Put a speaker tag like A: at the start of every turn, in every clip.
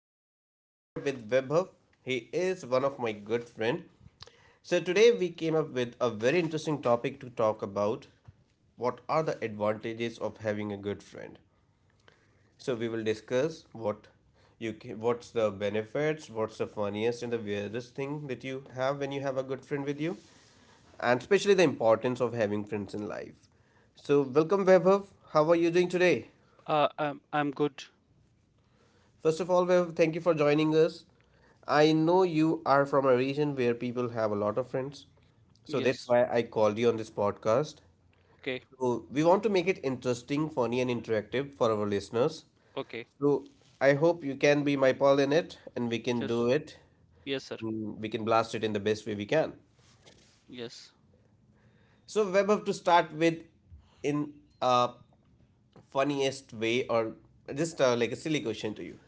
A: Today we are here with Webhub. He is one of my good friend. So today we came up with a very interesting topic to talk about. What are the advantages of having a good friend? So we will discuss what you can, what's the benefits, what's the funniest and the weirdest thing that you have when you have a good friend with you, and especially the importance of having friends in life. So welcome Webhub. How are you doing today?
B: I'm good.
A: First of all, Viv, thank you for joining us. I know you are from a region where people have a lot of friends, so that's
B: Yes.
A: why I called you on this podcast.
B: Okay.
A: So we want to make it interesting, funny, and interactive for our listeners.
B: Okay.
A: So I hope you can be my pal in it, and we can do
B: Yes.
A: it.
B: Yes, sir.
A: And we can blast it in the best way we can.
B: Yes.
A: So Webhub, to start with, in a funniest way, or just like a silly question to you.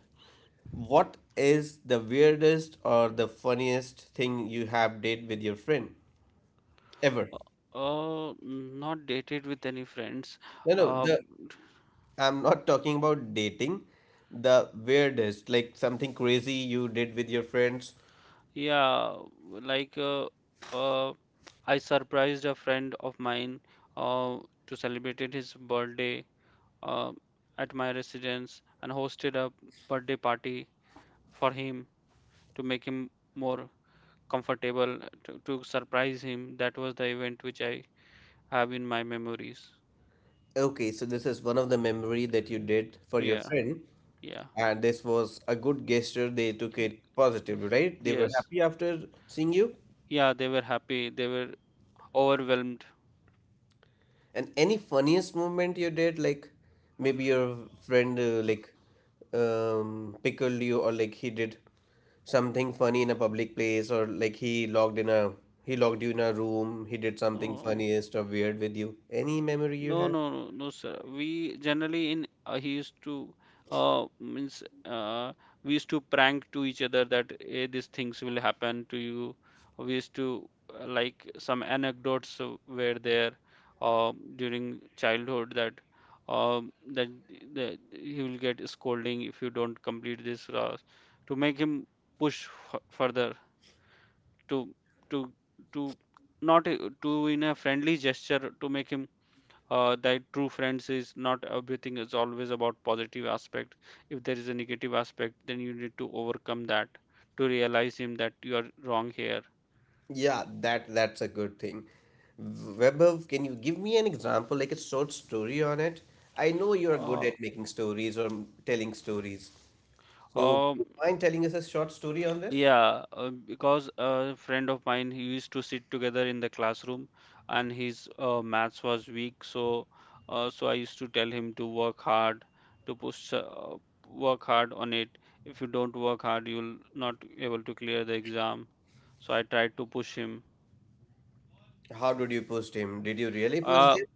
A: What is the weirdest or the funniest thing you have did with your friend ever?
B: Not dated with any friends.
A: No, no,
B: Uh,
A: the I'm not talking about dating. The weirdest, like something crazy you did with your friends.
B: yeah, like uh, uh, I surprised a friend of mine uh to celebrate his birthday uh at my residence and hosted a birthday party for him to make him more comfortable to surprise him. That was the event which I have in my memories.
A: Okay, so this is one of the memory that you did for your
B: Yeah.
A: friend,
B: Yeah.
A: and this was a good gesture. They took it positively, right? They were
B: Yes.
A: happy after seeing you.
B: Yeah, they were happy. They were overwhelmed.
A: And any funniest moment you did, like maybe your friend like pickled you, or like he did something funny in a public place, or like he locked you in a room. He did something
B: Oh,
A: funniest or weird with you. Any memory you
B: no,
A: have?
B: no, no, no, sir. We generally in He used to means we used to prank to each other that these things will happen to you. We used to like some anecdotes were there during childhood that that he will get scolding if you don't complete this task to make him push f further to to to not to in a friendly gesture to make him that true friends is not everything is always about positive aspect. If there is a negative aspect, then you need to overcome that to realize him that you are wrong here.
A: Yeah, that's a good thing. Webber, can you give me an example, like a short story on it? I know you are good
B: uh,
A: at making stories or telling stories. So, would
B: um,
A: you mind telling us a short story on this?
B: Yeah, because a friend of mine, he used to sit together in the classroom, and his maths was weak. So, so I used to tell him to work hard, to push, work hard on it. If you don't work hard, you'll not able to clear the exam. So I tried to push him.
A: How did you post him? Did you really post
B: Uh,
A: him?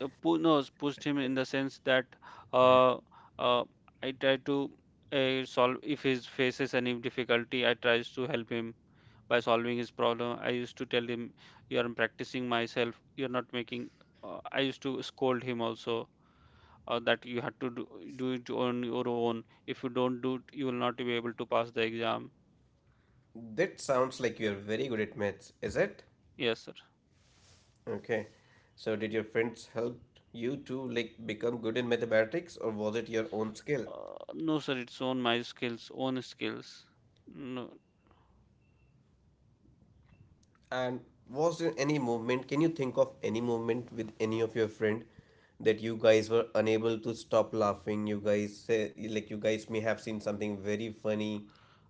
B: pu no, Pushed him in the sense that uh, uh, I tried to solve if he faces any difficulty, I tries to help him by solving his problem. I used to tell him, "You're practicing myself. You're not making." I used to scold him also that you had to do, do it on your own. If you don't do it, you will not be able to pass the exam.
A: That sounds like you're very good at maths, is it?
B: Yes, sir.
A: Okay. So did your friends help you to like become good in mathematics or was it your own skill?
B: No, sir. It's on my skills, own skills. No.
A: And was there any movement? Can you think of any movement with any of your friend that you guys were unable to stop laughing? You guys say like you guys may have seen something very funny.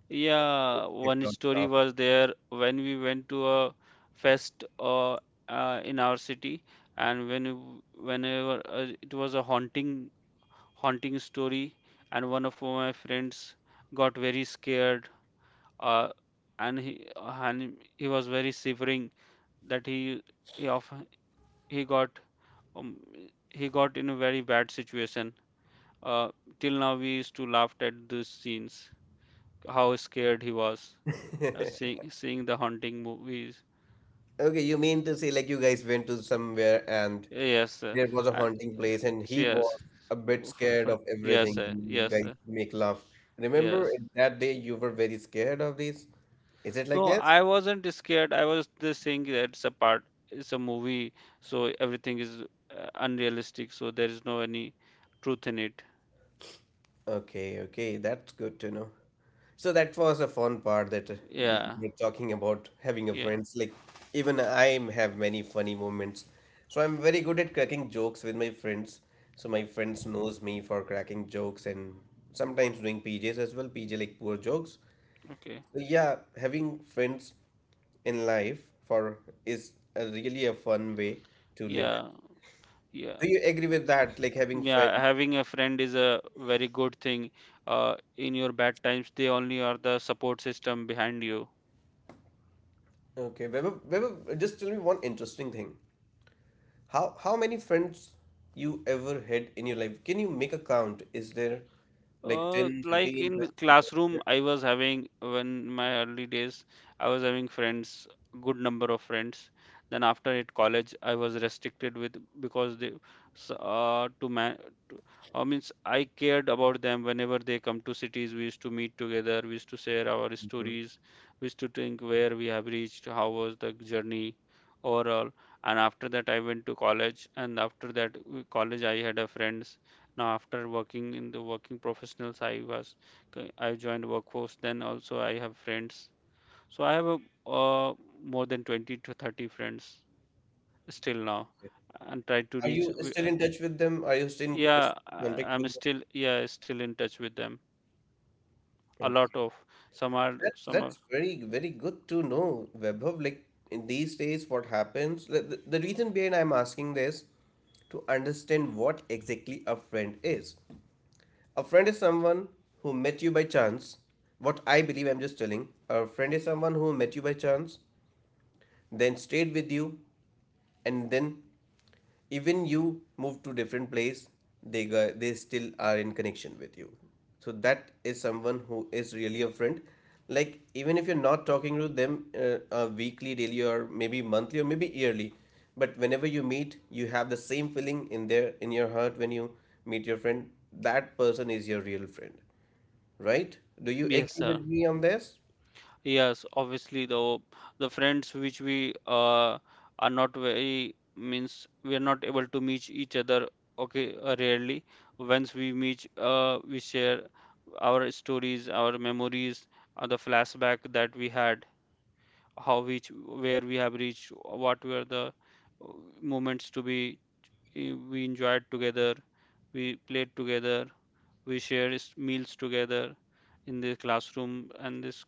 B: Yeah, one story was there when we went to a fest in our city, and when w- whenever it was a haunting story, and one of my friends got very scared, uh, and he was very shivering that he of he got um, he got in a very bad situation. Uh, Till now we used to laugh at these scenes, how scared he was seeing the haunting movies.
A: Okay, you mean to say like you guys went to somewhere and
B: Yes, uh,
A: there was a
B: and
A: haunting place and he
B: yes,
A: was a bit scared of
B: yes,
A: everything and you
B: yes,
A: guys make laugh. Remember
B: yes.
A: that day you were very scared of this? Is it like
B: No,
A: this?
B: I wasn't scared. I was just saying that it's a movie, so everything is unrealistic, so there is no any truth in it.
A: Okay, okay, that's good to know. So that was a fun part that we
B: Yeah,
A: were talking about having a
B: yeah,
A: friends. Like, even I have many funny moments. So I'm very good at cracking jokes with my friends. So my friends knows me for cracking jokes and sometimes doing PJs as well, PJ like poor jokes.
B: okay.
A: So yeah, having friends in life for is a really a fun way to live it.
B: Yeah, yeah,
A: Do you agree with that? Like having
B: yeah.
A: friends.
B: Having a friend is a very good thing. In your bad times, they only are the support system behind you.
A: Okay, Webber, just tell me one interesting thing. How many friends you ever had in your life? Can you make a count? Is there like 10,
B: Like
A: 15,
B: in
A: 20?
B: classroom, I was having when my early days, I was having friends, good number of friends. Then after it college, I was restricted with because they, s- to man, to, means I cared about them. Whenever they come to cities, we used to meet together. We used to share our
A: Mhm.
B: stories. We used to think where we have reached, how was the journey overall. And after that, I went to college. And after that, college, I had a friend. Now, after working in the working professionals, I joined workforce. Then also I have friends. So I have a, uh, more than 20 to 30 friends still now, and try to
A: Are
B: reach.
A: you still in touch with them? Are you still in
B: Yeah,
A: still in contact
B: I'm
A: with them?
B: still, yeah, still in touch with them. A lot
A: Okay.
B: of, some are
A: That's
B: some are
A: that's very good to know, Vaibhav. Like in these days, what happens? The reason behind I'm asking this to understand what exactly a friend is. A friend is someone who met you by chance. What I believe I'm just telling. A friend is someone who met you by chance, then stayed with you, and then, even you move to different place, they they still are in connection with you, so that is someone who is really a friend, like even if you're not talking to them weekly, daily, or maybe monthly, or maybe yearly, but whenever you meet, you have the same feeling in there in your heart when you meet your friend, that person is your real friend, right? Do you
B: yes,
A: agree
B: sir.
A: with me on this?
B: Yes, obviously the friends which we are not very, means we are not able to meet each other, okay, rarely. Once we meet, we share our stories, our memories, the flashback that we had, how we where we have reached, what were the uh, moments to be, we enjoyed together, we played together, we shared meals together in the classroom, and this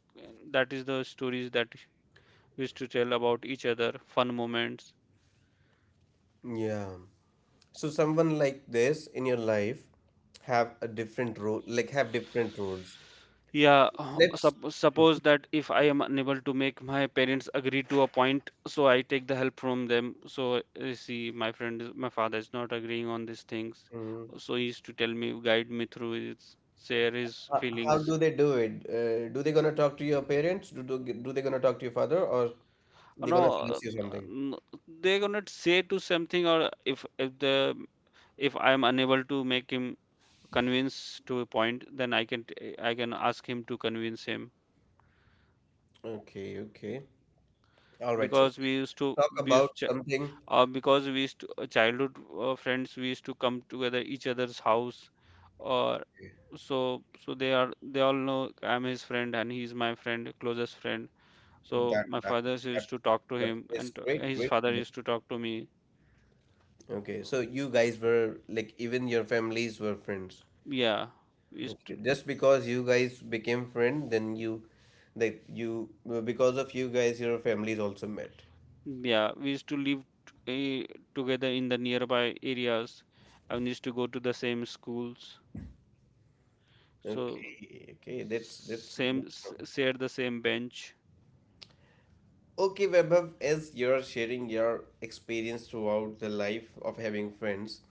B: that is the stories that we used to tell about each other, fun moments.
A: Yeah. So someone like this in your life have a different role, like have different roles.
B: Yeah,
A: Let's.
B: suppose that if I am unable to make my parents agree to a point, so I take the help from them. So see, my father is not agreeing on these things,
A: Mhm.
B: so he used to tell me, guide me through it, share his
A: How
B: feelings.
A: do they do it? Do they gonna talk to your parents? Do they gonna talk to your father, or they
B: No,
A: gonna
B: uh,
A: suggest you something?
B: n- they're gonna say to something, or if I am unable to make him convince to a point, then I can I can ask him to convince him
A: Okay, okay. All right. So
B: because
A: let's talk
B: we
A: about
B: used ch-
A: something.
B: we used to childhood friends we used to come together each other's house or so they are, they all know I'm his friend and he's my friend, closest friend. So
A: that
B: my
A: that
B: father
A: that,
B: used to talk to
A: that
B: him
A: is
B: and
A: great.
B: his
A: Great.
B: father
A: Great.
B: used to talk to me.
A: Okay, so you guys were like even your families were friends.
B: yeah we used
A: Okay.
B: to
A: Just because you guys became friend, then you, like you, because of you guys, your families also met.
B: yeah, we used to live together in the nearby areas and used to go to the same schools, so
A: Okay, okay, that's.
B: share the same bench.
A: Okay, Vaibhav, as you're sharing your experience throughout the life of having friends,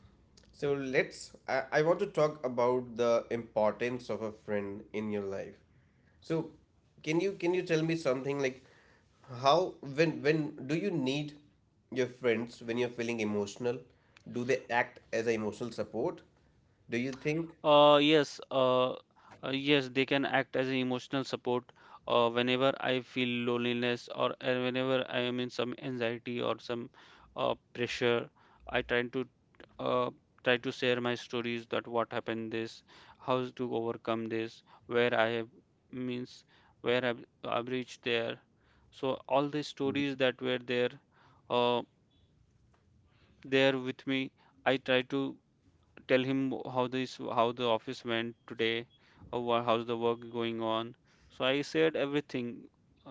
A: so let's. I want to talk about the importance of a friend in your life. So, can you tell me something like how when do you need your friends when you're feeling emotional? Do they act as a emotional support? Do you think?
B: Uh, yes, uh, uh, yes, they can act as an emotional support whenever I feel loneliness or whenever I am in some anxiety or some pressure. I try to uh, try to share my stories that what happened this, how to overcome this, where I have, means where I've reached there. So all the stories that were there, uh, there with me, I try to tell him how this how the office went today or how's the work going on. So I shared everything,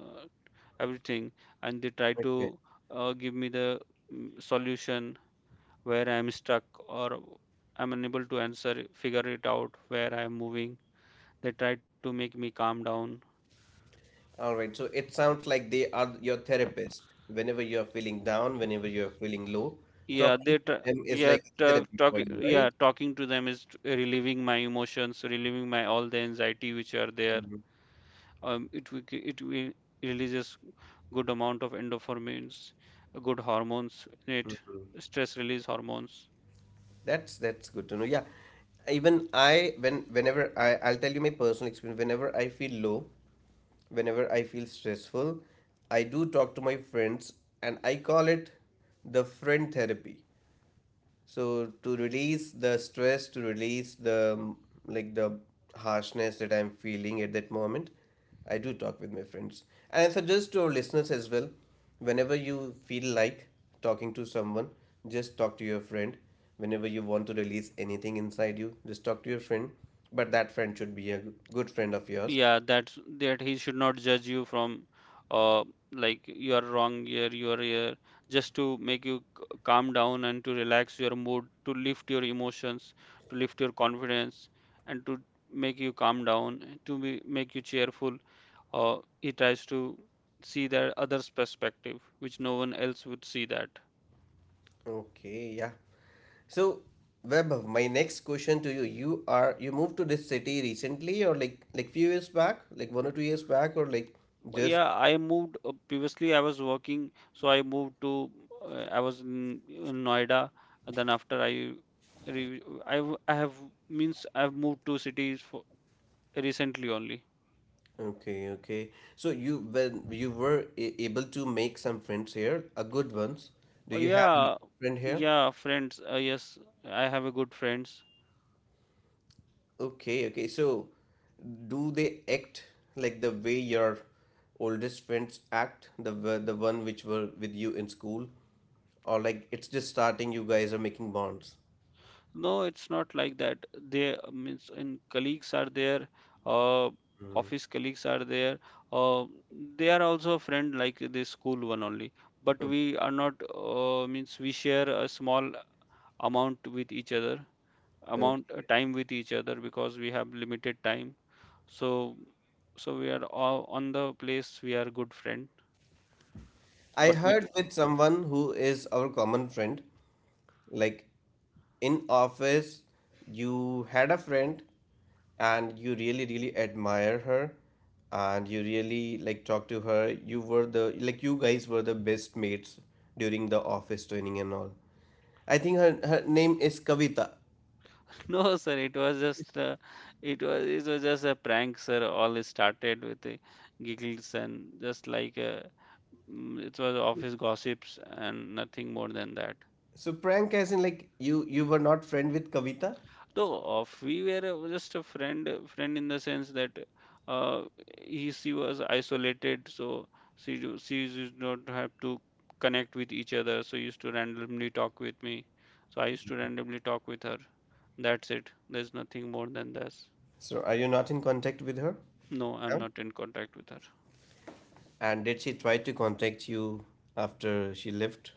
B: uh, everything. And they tried to give me the, solution where I'm stuck or I'm unable to answer, figure it out where I'm moving. They tried to make me calm down.
A: All right. So it sounds like they are your therapist. Whenever you're feeling down, whenever you're feeling low,
B: Yeah
A: talking
B: they
A: to
B: tr
A: them is
B: Yeah,
A: like therapy
B: talk,
A: for you, right?
B: yeah, talking to them is relieving my emotions, relieving my all the anxiety which are there.
A: Mhm.
B: It will it will releases good amount of endorphins, good hormones in it, stress release hormones.
A: That's good to know. Yeah. Even I when whenever I I'll tell you my personal experience. Whenever I feel low, whenever I feel stressful, I do talk to my friends and I call it the friend therapy. So to release the stress, to release the like the harshness that I'm feeling at that moment, I do talk with my friends. And I suggest to our listeners as well, whenever you feel like talking to someone, just talk to your friend. Whenever you want to release anything inside you, just talk to your friend. But that friend should be a good friend of yours.
B: Yeah, that's that he should not judge you from uh like you are wrong here, you are here, just to make you calm down and to relax your mood, to lift your emotions, to lift your confidence, and to make you calm down to be, make you cheerful. He tries to see the other's perspective which no one else would see that.
A: Okay, yeah. So, Vaibhav, my next question to you: You are you moved to this city recently, or like few years back, like 1 or 2 years back, or like
B: But
A: just
B: yeah, I moved, previously I was working, so I moved to, I was in Noida, and then after I I have, means I've moved to cities for recently only.
A: okay, okay. So you, when you were able to make some friends here, a good ones. Do
B: Oh
A: you have any
B: yeah,
A: friend here?
B: yeah, friends. Yes, I have a good friends.
A: Okay, okay. So, do they act like the way your oldest friends act, the one which were with you in school, or like it's just starting? You guys are making bonds.
B: No, it's not like that. They means in colleagues are there, uh, office colleagues are there. Uh, they are also a friend like the school one only. But we are not, means we share a small amount with each other, amount, time with each other because we have limited time. So we are all on the place, we are good friend,
A: I
B: but we.
A: heard with someone who is our common friend, like in office, you had a friend and you really, really admire her and you really like talk to her. You were the like you guys were the best mates during the office training and all. I think her name is Kavita.
B: No, sir, it was just it was just a prank, sir. All it started with the giggles and just like, it was office gossips and nothing more than that.
A: So prank as in like you were not friend with Kavita?
B: No, of we were just a friend, friend in the sense that uh, he she was isolated, so she she did not have to connect with each other. So used to randomly talk with me. So I used to randomly talk with her. That's it. There's nothing more than this.
A: So are you not in contact with her?
B: No, I'm
A: Now?
B: not in contact with her.
A: And did she try to contact you after she left?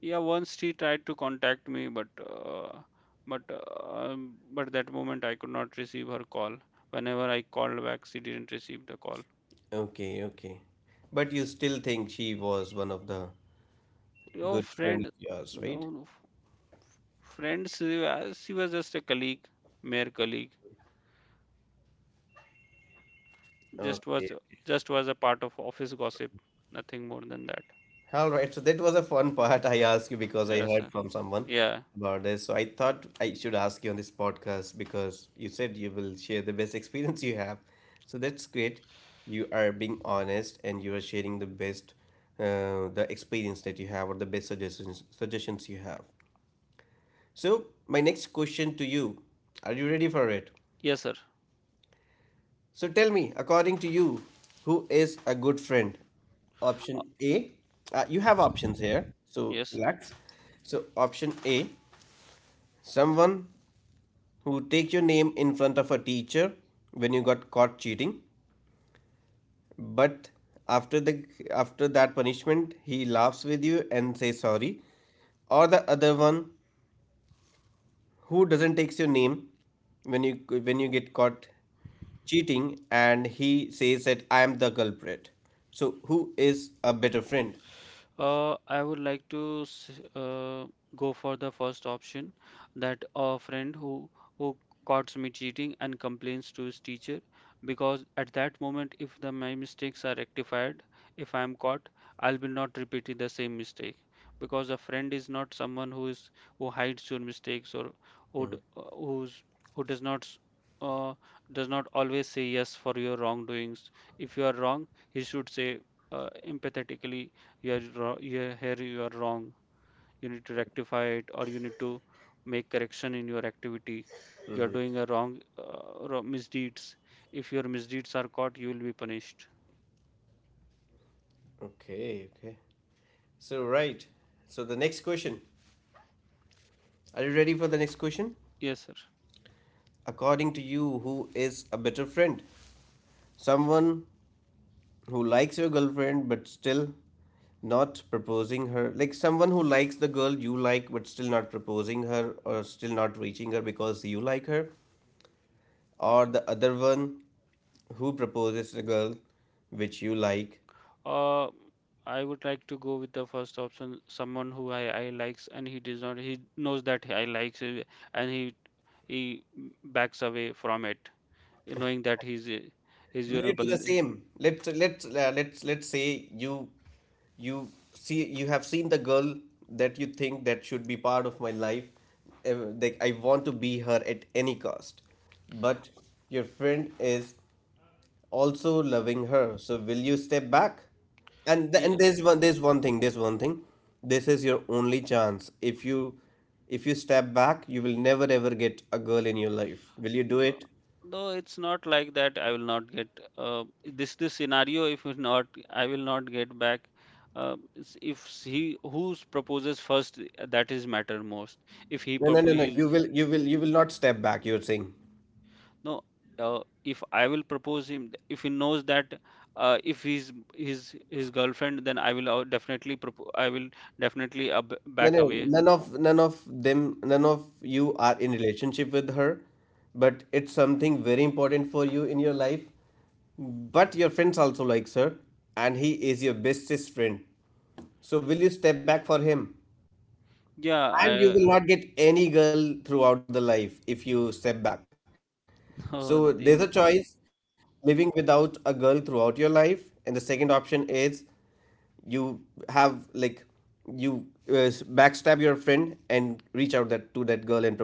B: Yeah, once she tried to contact me, but but that moment I could not receive her call. Whenever I called back, she didn't receive the call.
A: Okay, okay. But you still think she was one of the
B: Your
A: good friend
B: friend,
A: of yours, right?
B: no, friends, she was, just a colleague, mere colleague. Just was
A: Okay.
B: just was a part of office gossip, nothing more than that.
A: All right. So that was a fun part I asked you because I
B: Yes, sir.
A: heard from someone
B: Yeah,
A: about this. So I thought I should ask you on this podcast because you said you will share the best experience you have. So that's great. You are being honest and you are sharing the best the experience that you have or the best suggestions you have. So my next question to you, are you ready for it?
B: yes, sir.
A: So tell me, according to you, who is a good friend?
B: Uh,
A: Option A, you have options here, so
B: yes.
A: relax. So, option A, someone who takes your name in front of a teacher when you got caught cheating, but after the after that punishment, he laughs with you and says sorry. Or the other one, who doesn't takes your name when you when you get caught cheating and he says that I am the culprit, so who is a better friend?
B: I would like to go for the first option, that a friend who who caught me cheating and complains to his teacher, because at that moment if the my mistakes are rectified, if I am caught, I'll be not repeating the same mistake, because a friend is not someone who is who hides your mistakes, or who d- who's who does not uh, does not always say yes for your wrongdoings. If you are wrong, he should say uh, empathetically you here you are wrong. You need to rectify it, or you need to make correction in your activity. You are doing a wrong wrong misdeeds. If your misdeeds are caught, you will be punished.
A: Okay, okay. So right. So the next question, are you ready for the next question?
B: Yes, sir.
A: According to you, who is a better friend? Someone who likes your girlfriend but still not proposing her, like someone who likes the girl you like but still not proposing her, or still not reaching her because you like her, or the other one who proposes a girl which you like.
B: uh, I would like to go with the first option, someone who I likes, and he does not. He knows that I likes it, and he backs away from it, knowing that he's
A: Will
B: your
A: you do the
B: band.
A: same? Let's say you see you have seen the girl that you think that should be part of my life, uh, like I want to be her at any cost, but your friend is also loving her. So will you step back? And there's one thing. This is your only chance. If you step back, you will never ever get a girl in your life. Will you do
B: No,
A: it?
B: no, it's not like that. I will not get this scenario. If it's not, I will not get back. If he who proposes first, that is matter most. If he
A: No.
B: proposes,
A: You will not step back, you're saying.
B: no. If I will propose him, if he knows that if he's his girlfriend, then I will definitely propo I will definitely
A: No,
B: back
A: no,
B: away.
A: none of them, none of you are in relationship with her, but it's something very important for you in your life. But your friends also likes her, and he is your bestest friend. So will you step back for him? And you
B: Yeah,
A: will not get any girl throughout the life if you step back. So
B: I,
A: there's a choice, living without a girl throughout your life, and the second option is you have like you backstab your friend and reach out that to that girl and propose her.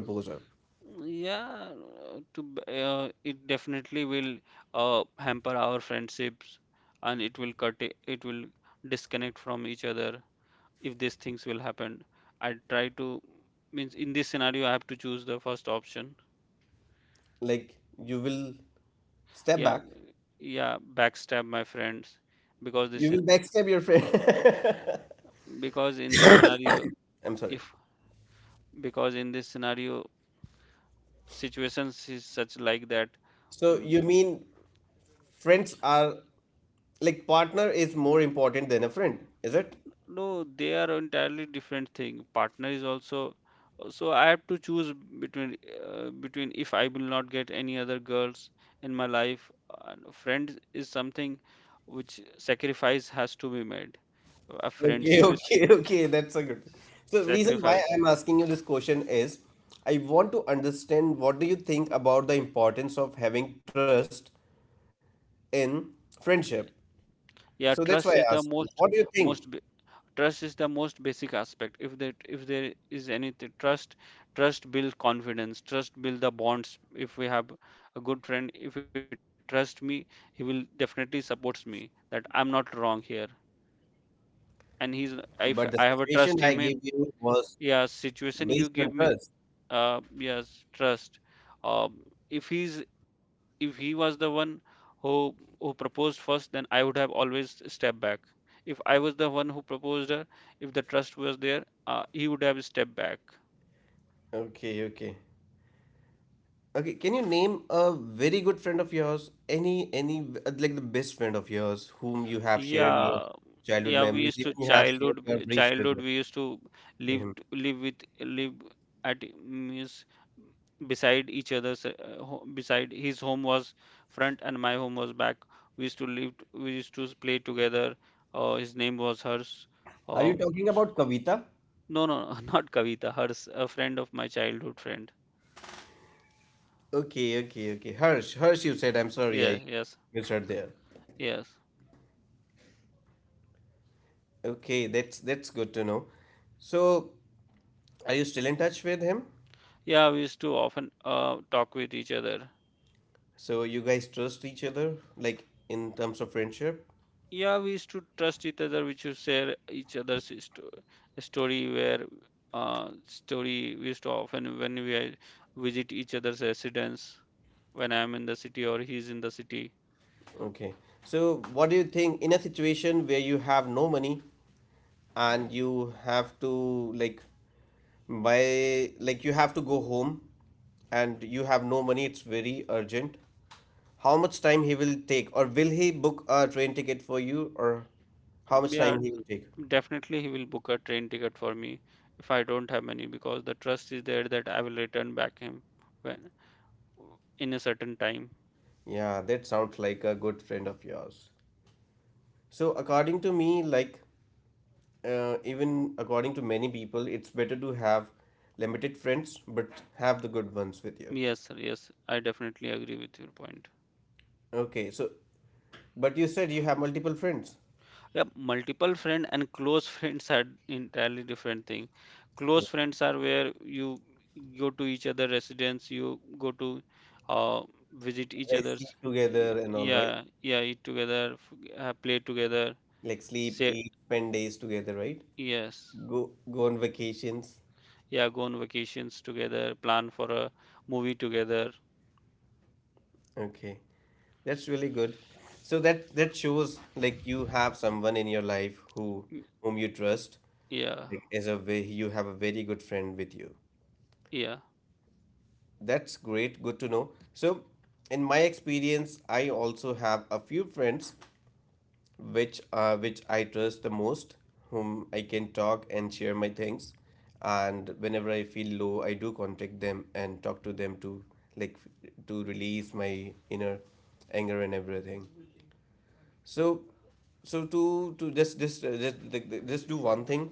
B: Yeah, it definitely will hamper our friendships, and it will disconnect from each other if these things will happen. I try to, means in this scenario I have to choose the first option.
A: Like you will step back,
B: Yeah, yeah, backstab my friends, because
A: you will backstab your friend.
B: because in this scenario,
A: I'm sorry.
B: if because in this scenario situations is such like that.
A: So
B: Mm.
A: you mean friends are, like, partner is more important than a friend, is it?
B: No, they are entirely different thing. Partner is also, so I have to choose between between if I will not get any other girls in my life. And friend is something which sacrifice has to be made. A
A: Okay,
B: friendship is
A: okay, okay. That's a good thing. So, reason why
B: sacrifice.
A: I'm asking you this question is I want to understand what do you think about the importance of having trust in
B: Yeah,
A: friendship.
B: yeah, trust
A: So
B: is
A: that's
B: the
A: why I asked you, what do you
B: most,
A: think?
B: trust is the most basic aspect. If there is anything, trust build confidence, trust build the bonds. If we have a good friend, if he trust me, he will definitely supports me that I'm not wrong here. And he's,
A: But the
B: if I
A: situation
B: have a
A: I gave
B: trust him
A: you
B: in,
A: was
B: yeah,
A: based on
B: situation you
A: trust.
B: give me. Yes, trust. um, if he's, if he was the one who who proposed first, then I would have always stepped back. If I was the one who proposed her, if the trust was there, he would have stepped back.
A: Okay, okay. Okay, can you name a very good friend of yours? Any, like the best friend of yours whom you have shared your
B: Yeah,
A: childhood
B: yeah. We
A: memories,
B: used
A: even
B: to
A: you have shared your briefs with
B: childhood, we used to live,
A: him.
B: live with, live at, means, beside each other's. Beside his home was front and my home was back. We used to live. We used to play together. His name was Hers.
A: Are you
B: Um,
A: talking about Kavita?
B: no, no, not Kavita. Hers, a friend of my childhood friend.
A: Okay, okay, okay. Harsh, Harsh, you said. I'm sorry,
B: Yeah,
A: I
B: yes,
A: misheard there.
B: yes.
A: Okay, that's good to know. So, are you still in touch with him?
B: Yeah, we used to often talk with each other.
A: So you guys trust each other, like in terms of friendship?
B: Yeah, we used to trust each other. We should share story where, story we used to often visit each other's residence, when I'm in the city or he's in the city.
A: Okay. So, what do you think in a situation where you have no money and you have to like buy, like you have to go home and you have no money? It's very urgent. How much time he will take, or will he book a train ticket for you, or how much
B: Yeah,
A: time he will take?
B: definitely he will book a train ticket for me if I don't have money, because the trust is there that I will return back him when, in a certain time.
A: Yeah, that sounds like a good friend of yours. So according to me, like, even according to many people, it's better to have limited friends but have the good ones with you.
B: Yes, sir, yes, I definitely agree with your point.
A: Okay, so but you said you have multiple friends.
B: Yep, multiple friend and close friends are entirely different thing. Close friends are where you go to each other residence, you go to uh, visit each
A: They sleep
B: other's.
A: together and all, right?
B: Yeah, yeah, eat together, play together,
A: Like sleep,
B: say
A: eat, spend days together, right?
B: yes,
A: Go, go on vacations.
B: yeah, go on vacations together, plan for a movie together.
A: Okay. That's really good. So that that shows like you have someone in your life who
B: Y-
A: whom you trust,
B: yeah,
A: like as a way you have a very good friend with you.
B: yeah.
A: That's great, good to know. So in my experience, I also have a few friends which I trust the most, whom I can talk and share my things. And whenever I feel low, I do contact them and talk to them to, like, to release my inner anger and everything. So, so to just do one thing.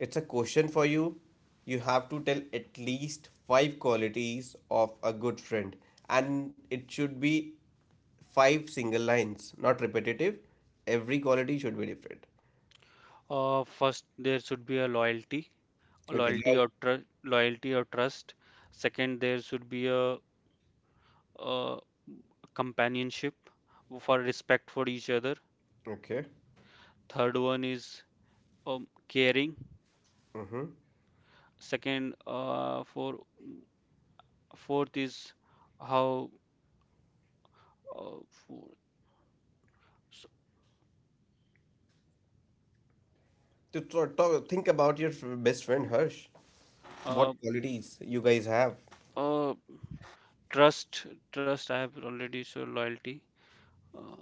A: It's a question for you. You have to tell at least five qualities of a good friend, and it should be five single lines, not repetitive. Every quality should be different.
B: First, there should be a loyalty,
A: Okay.
B: loyalty
A: Lal-
B: or tr loyalty or trust. Second, there should be a uh, companionship, for respect for each other.
A: okay.
B: Third one is caring.
A: Mm-hmm.
B: Second, for Fourth is how, uh, for, s-
A: To talk, think about your best friend Harsh. What
B: uh,
A: qualities you guys have?
B: uh, trust. Trust I have already, so loyalty. Uh,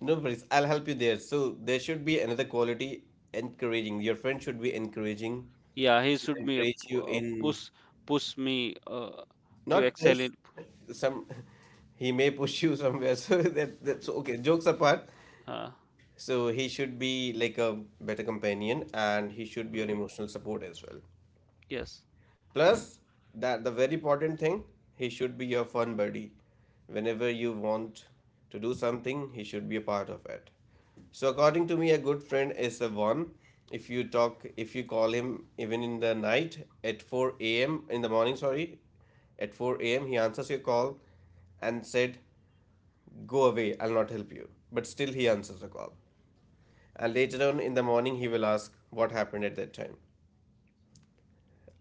A: No worries, I'll help you there. So there should be another quality, encouraging. Your friend should be encouraging,
B: yeah, he
A: should
B: should be a
A: encourage you in,
B: push, push me to
A: not
B: excel
A: push.
B: in.
A: Some, he may push you somewhere. So that that's okay. Jokes apart.
B: Uh,
A: So he should be like a better companion, and he should be your
B: mm,
A: emotional support as well.
B: yes.
A: Plus, that the very important thing, he should be your fun buddy. Whenever you want to do something, he should be a part of it. So according to me, a good friend is a one. If you talk, if you call him even in the night at 4 a.m. in the morning, sorry, at 4 a.m. he answers your call and said, "Go away, I'll not help you." But still, he answers the call. And later on in the morning, he will ask, "What happened at that time?"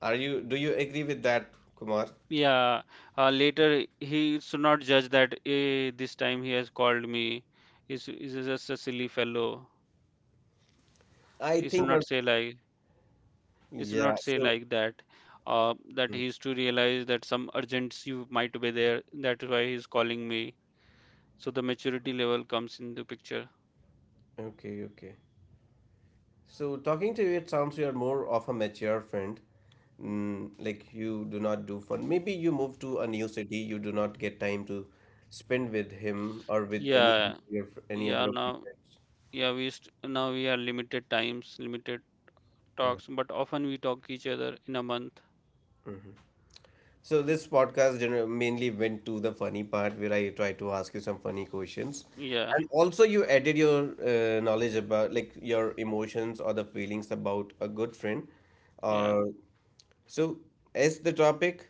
A: Are you? Do you agree with that, Kumar?
B: Yeah, later he should not judge that, eh, this time he has called me. He's just a silly fellow.
A: I
B: He should
A: think
B: not
A: our,
B: say like, he should
A: yeah,
B: not say
A: so,
B: like that. That
A: mm,
B: he is to realize that some urgency might be there. That is why he's calling me. So the maturity level comes in the picture.
A: okay, okay. So talking to you, it sounds you are more of a mature friend. Mm, like you do not do fun. Maybe you move to a new city, you do not get time to spend with him or with any of
B: Yeah,
A: your any
B: yeah.
A: other of your
B: Now,
A: friends.
B: yeah, we st now we are limited times, limited talks, but often we talk each other in a month.
A: So this podcast mainly went to the funny part where I try to ask you some funny questions.
B: Yeah,
A: And also you added your knowledge about like your emotions or the feelings about a good friend
B: yeah.
A: or. So, as the topic,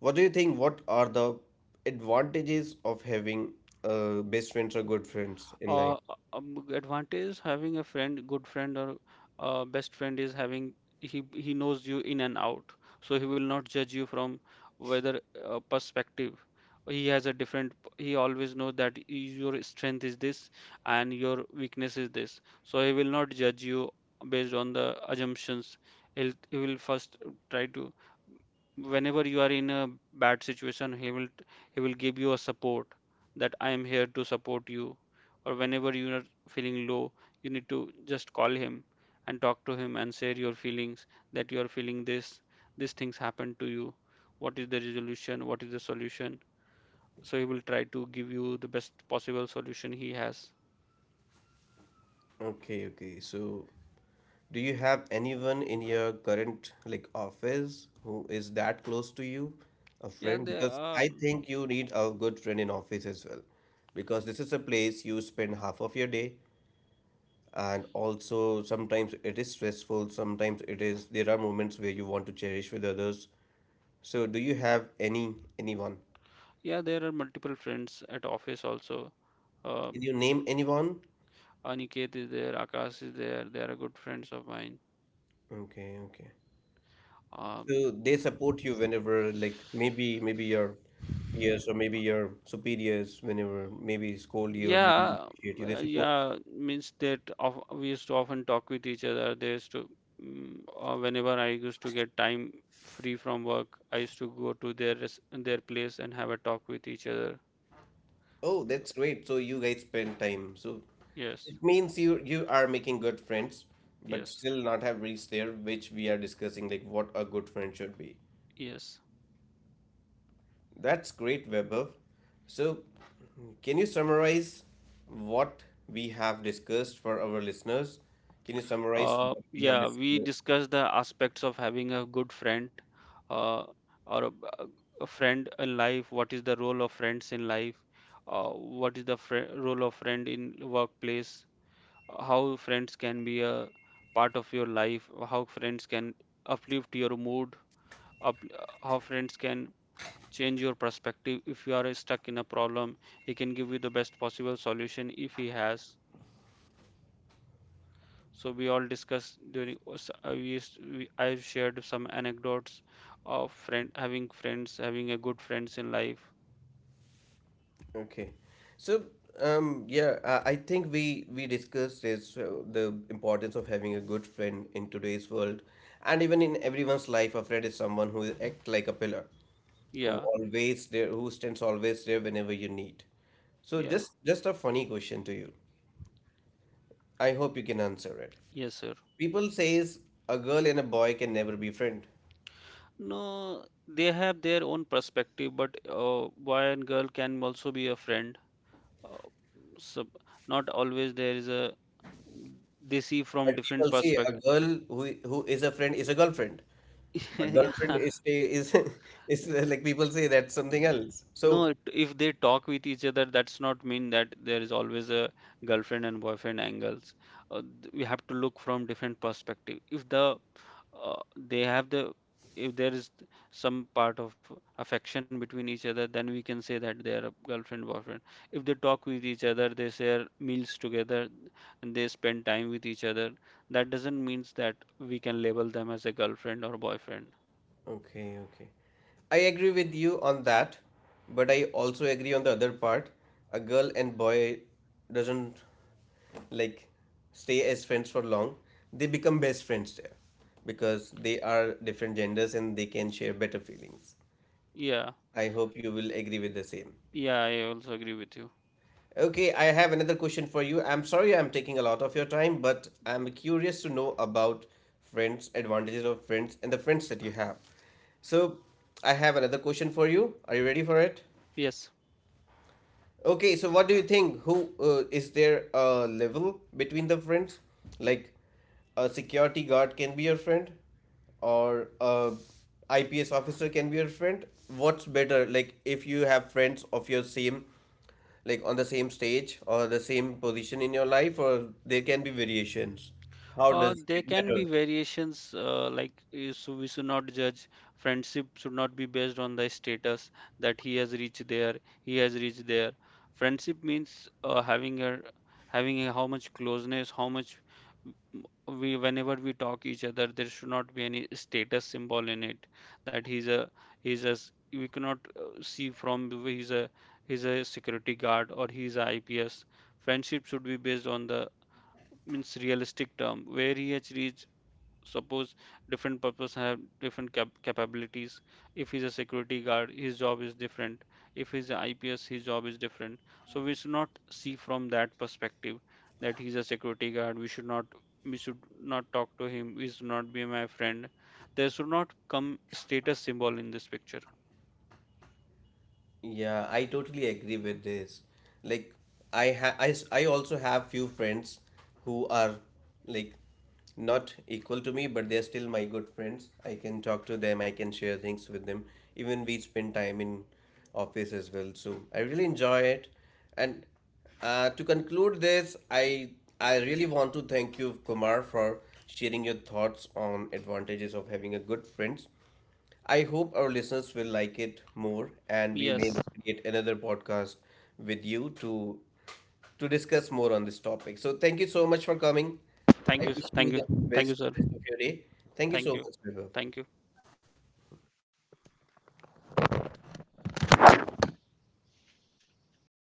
A: what do you think? What are the advantages of having best friends or good friends in
B: uh,
A: life?
B: Advantage having a friend, good friend or best friend is having, he knows you in and out, so he will not judge you from whether perspective. He has a different. He always knows that your strength is this and your weakness is this, so he will not judge you based on the assumptions. He will first try to, whenever you are in a bad situation, he will give you a support that I am here to support you. Or whenever you are feeling low, you need to just call him and talk to him and share your feelings, that you are feeling this, these things happen to you. What is the resolution? What is the solution? So he will try to give you the best possible solution he has.
A: Okay, okay. So, do you have anyone in your current like office who is that close to you, a
B: Yeah,
A: friend?
B: there
A: Because I
B: are,
A: think you need a good friend in office as well, because this is a place you spend half of your day, and also sometimes it is stressful. Sometimes it is, there are moments where you want to cherish with others. So do you have any anyone?
B: yeah, there are multiple friends at office also. Uh,
A: Can you name anyone?
B: Aniket is there, Akash is there. They are good friends of mine.
A: Okay, okay.
B: Um,
A: So they support you whenever like maybe maybe your peers or maybe your superiors whenever maybe scold you or maybe
B: Yeah,
A: appreciate you. They support you.
B: yeah, means that of, we used to often talk with each other. There used to, whenever I used to get time free from work, I used to go to their place and have a talk with each other.
A: Oh,
B: Mm,
A: that's great. So you guys spend time. So
B: yes,
A: it means you are making good friends, but
B: yes,
A: still not have reached there, which we are discussing like what a good friend should be.
B: yes.
A: That's great, Vaibhav. So, can you summarize what we have discussed for our listeners? Can you summarize what we have
B: Yeah, we
A: discussed?
B: discussed the aspects of having a good friend, uh, or a, a friend in life. What is the role of friends in life? What is the fri Role of friend in workplace? How friends can be a part of your life, how friends can uplift your mood, up, how friends can change your perspective. If you are stuck in a problem, he can give you the best possible solution if he has. So we all discussed during we, I shared some anecdotes of friend having friends, having a good friends in life.
A: Okay. So, yeah, I think we discussed is the importance of having a good friend in today's world, and even in everyone's life, a friend is someone who act like a pillar, who
B: Yeah,
A: always there, who stands always there whenever you need. So,
B: yeah.
A: just a funny question to you. I hope you can answer it.
B: Yes, sir.
A: People says a girl and a boy can never be friend.
B: No, they have their own perspective, but boy and girl can also be a friend. Uh, So not always there is a, they see from
A: But
B: different
A: people say a
B: perspective.
A: girl who is a friend is a girlfriend. But girlfriend
B: Yeah,
A: is is like people say, that's something else.
B: no,
A: So
B: if they talk with each other, that's not mean that there is always a girlfriend and boyfriend angles. We have to look from different perspective. If the They have the, if there is some part of affection between each other, then we can say that they are a girlfriend boyfriend. If they talk with each other, they share meals together, and they spend time with each other. That doesn't means that we can label them as a girlfriend or boyfriend.
A: okay, okay. I agree with you on that, but I also agree on the other part. A girl and boy doesn't, like, stay as friends for long. They become best friends there because they are different genders and they can share better feelings.
B: Yeah,
A: I hope you will agree with the same.
B: yeah, I also agree with you.
A: Okay, I have another question for you. I'm sorry I'm taking a lot of your time, but I'm curious to know about friends, advantages of friends, and the friends that you have. So, I have another question for you. Are you ready for it?
B: Yes.
A: Okay, so what do you think? Who is there a level between the friends? Like a security guard can be your friend, or a IPS officer can be your friend. What's better? Like if you have friends of your same, like on the same stage or the same position in your life, or there can be variations? How does
B: There
A: it
B: can
A: matter?
B: be variations, so we should not judge. Friendship should not be based on the status that he has reached there, he has reached there. Friendship means having a, having a how much closeness, how much, m- we whenever we talk each other, there should not be any status symbol in it. That he's a we cannot, see from the way he's a, he's a security guard or he's a IPS. Friendship should be based on the means realistic term where he has reached. Suppose different purpose have capabilities. If he's a security guard, his job is different. If he's a IPS, his job is different. So we should not see from that perspective that he's a security guard, we should not, we should not talk to him, we should not be my friend. There should not come status symbol in this picture.
A: Yeah, I totally agree with this. Like, I ha I, s- I also have few friends who are like not equal to me, but they're still my good friends. I can talk to them, I can share things with them. Even we spend time in office as well. So I really enjoy it. And to conclude this, I really want to thank you, Kumar, for sharing your thoughts on advantages of having a good friends. I hope our listeners will like it more, and we may
B: Yes.
A: create another podcast with you to discuss more on this topic. So thank you so much for coming. I wish you
B: Thank you.
A: the
B: Thank you,
A: best
B: sir.
A: rest of your day. Thank you
B: Thank
A: so
B: you.
A: much, Vibhav.
B: Thank you.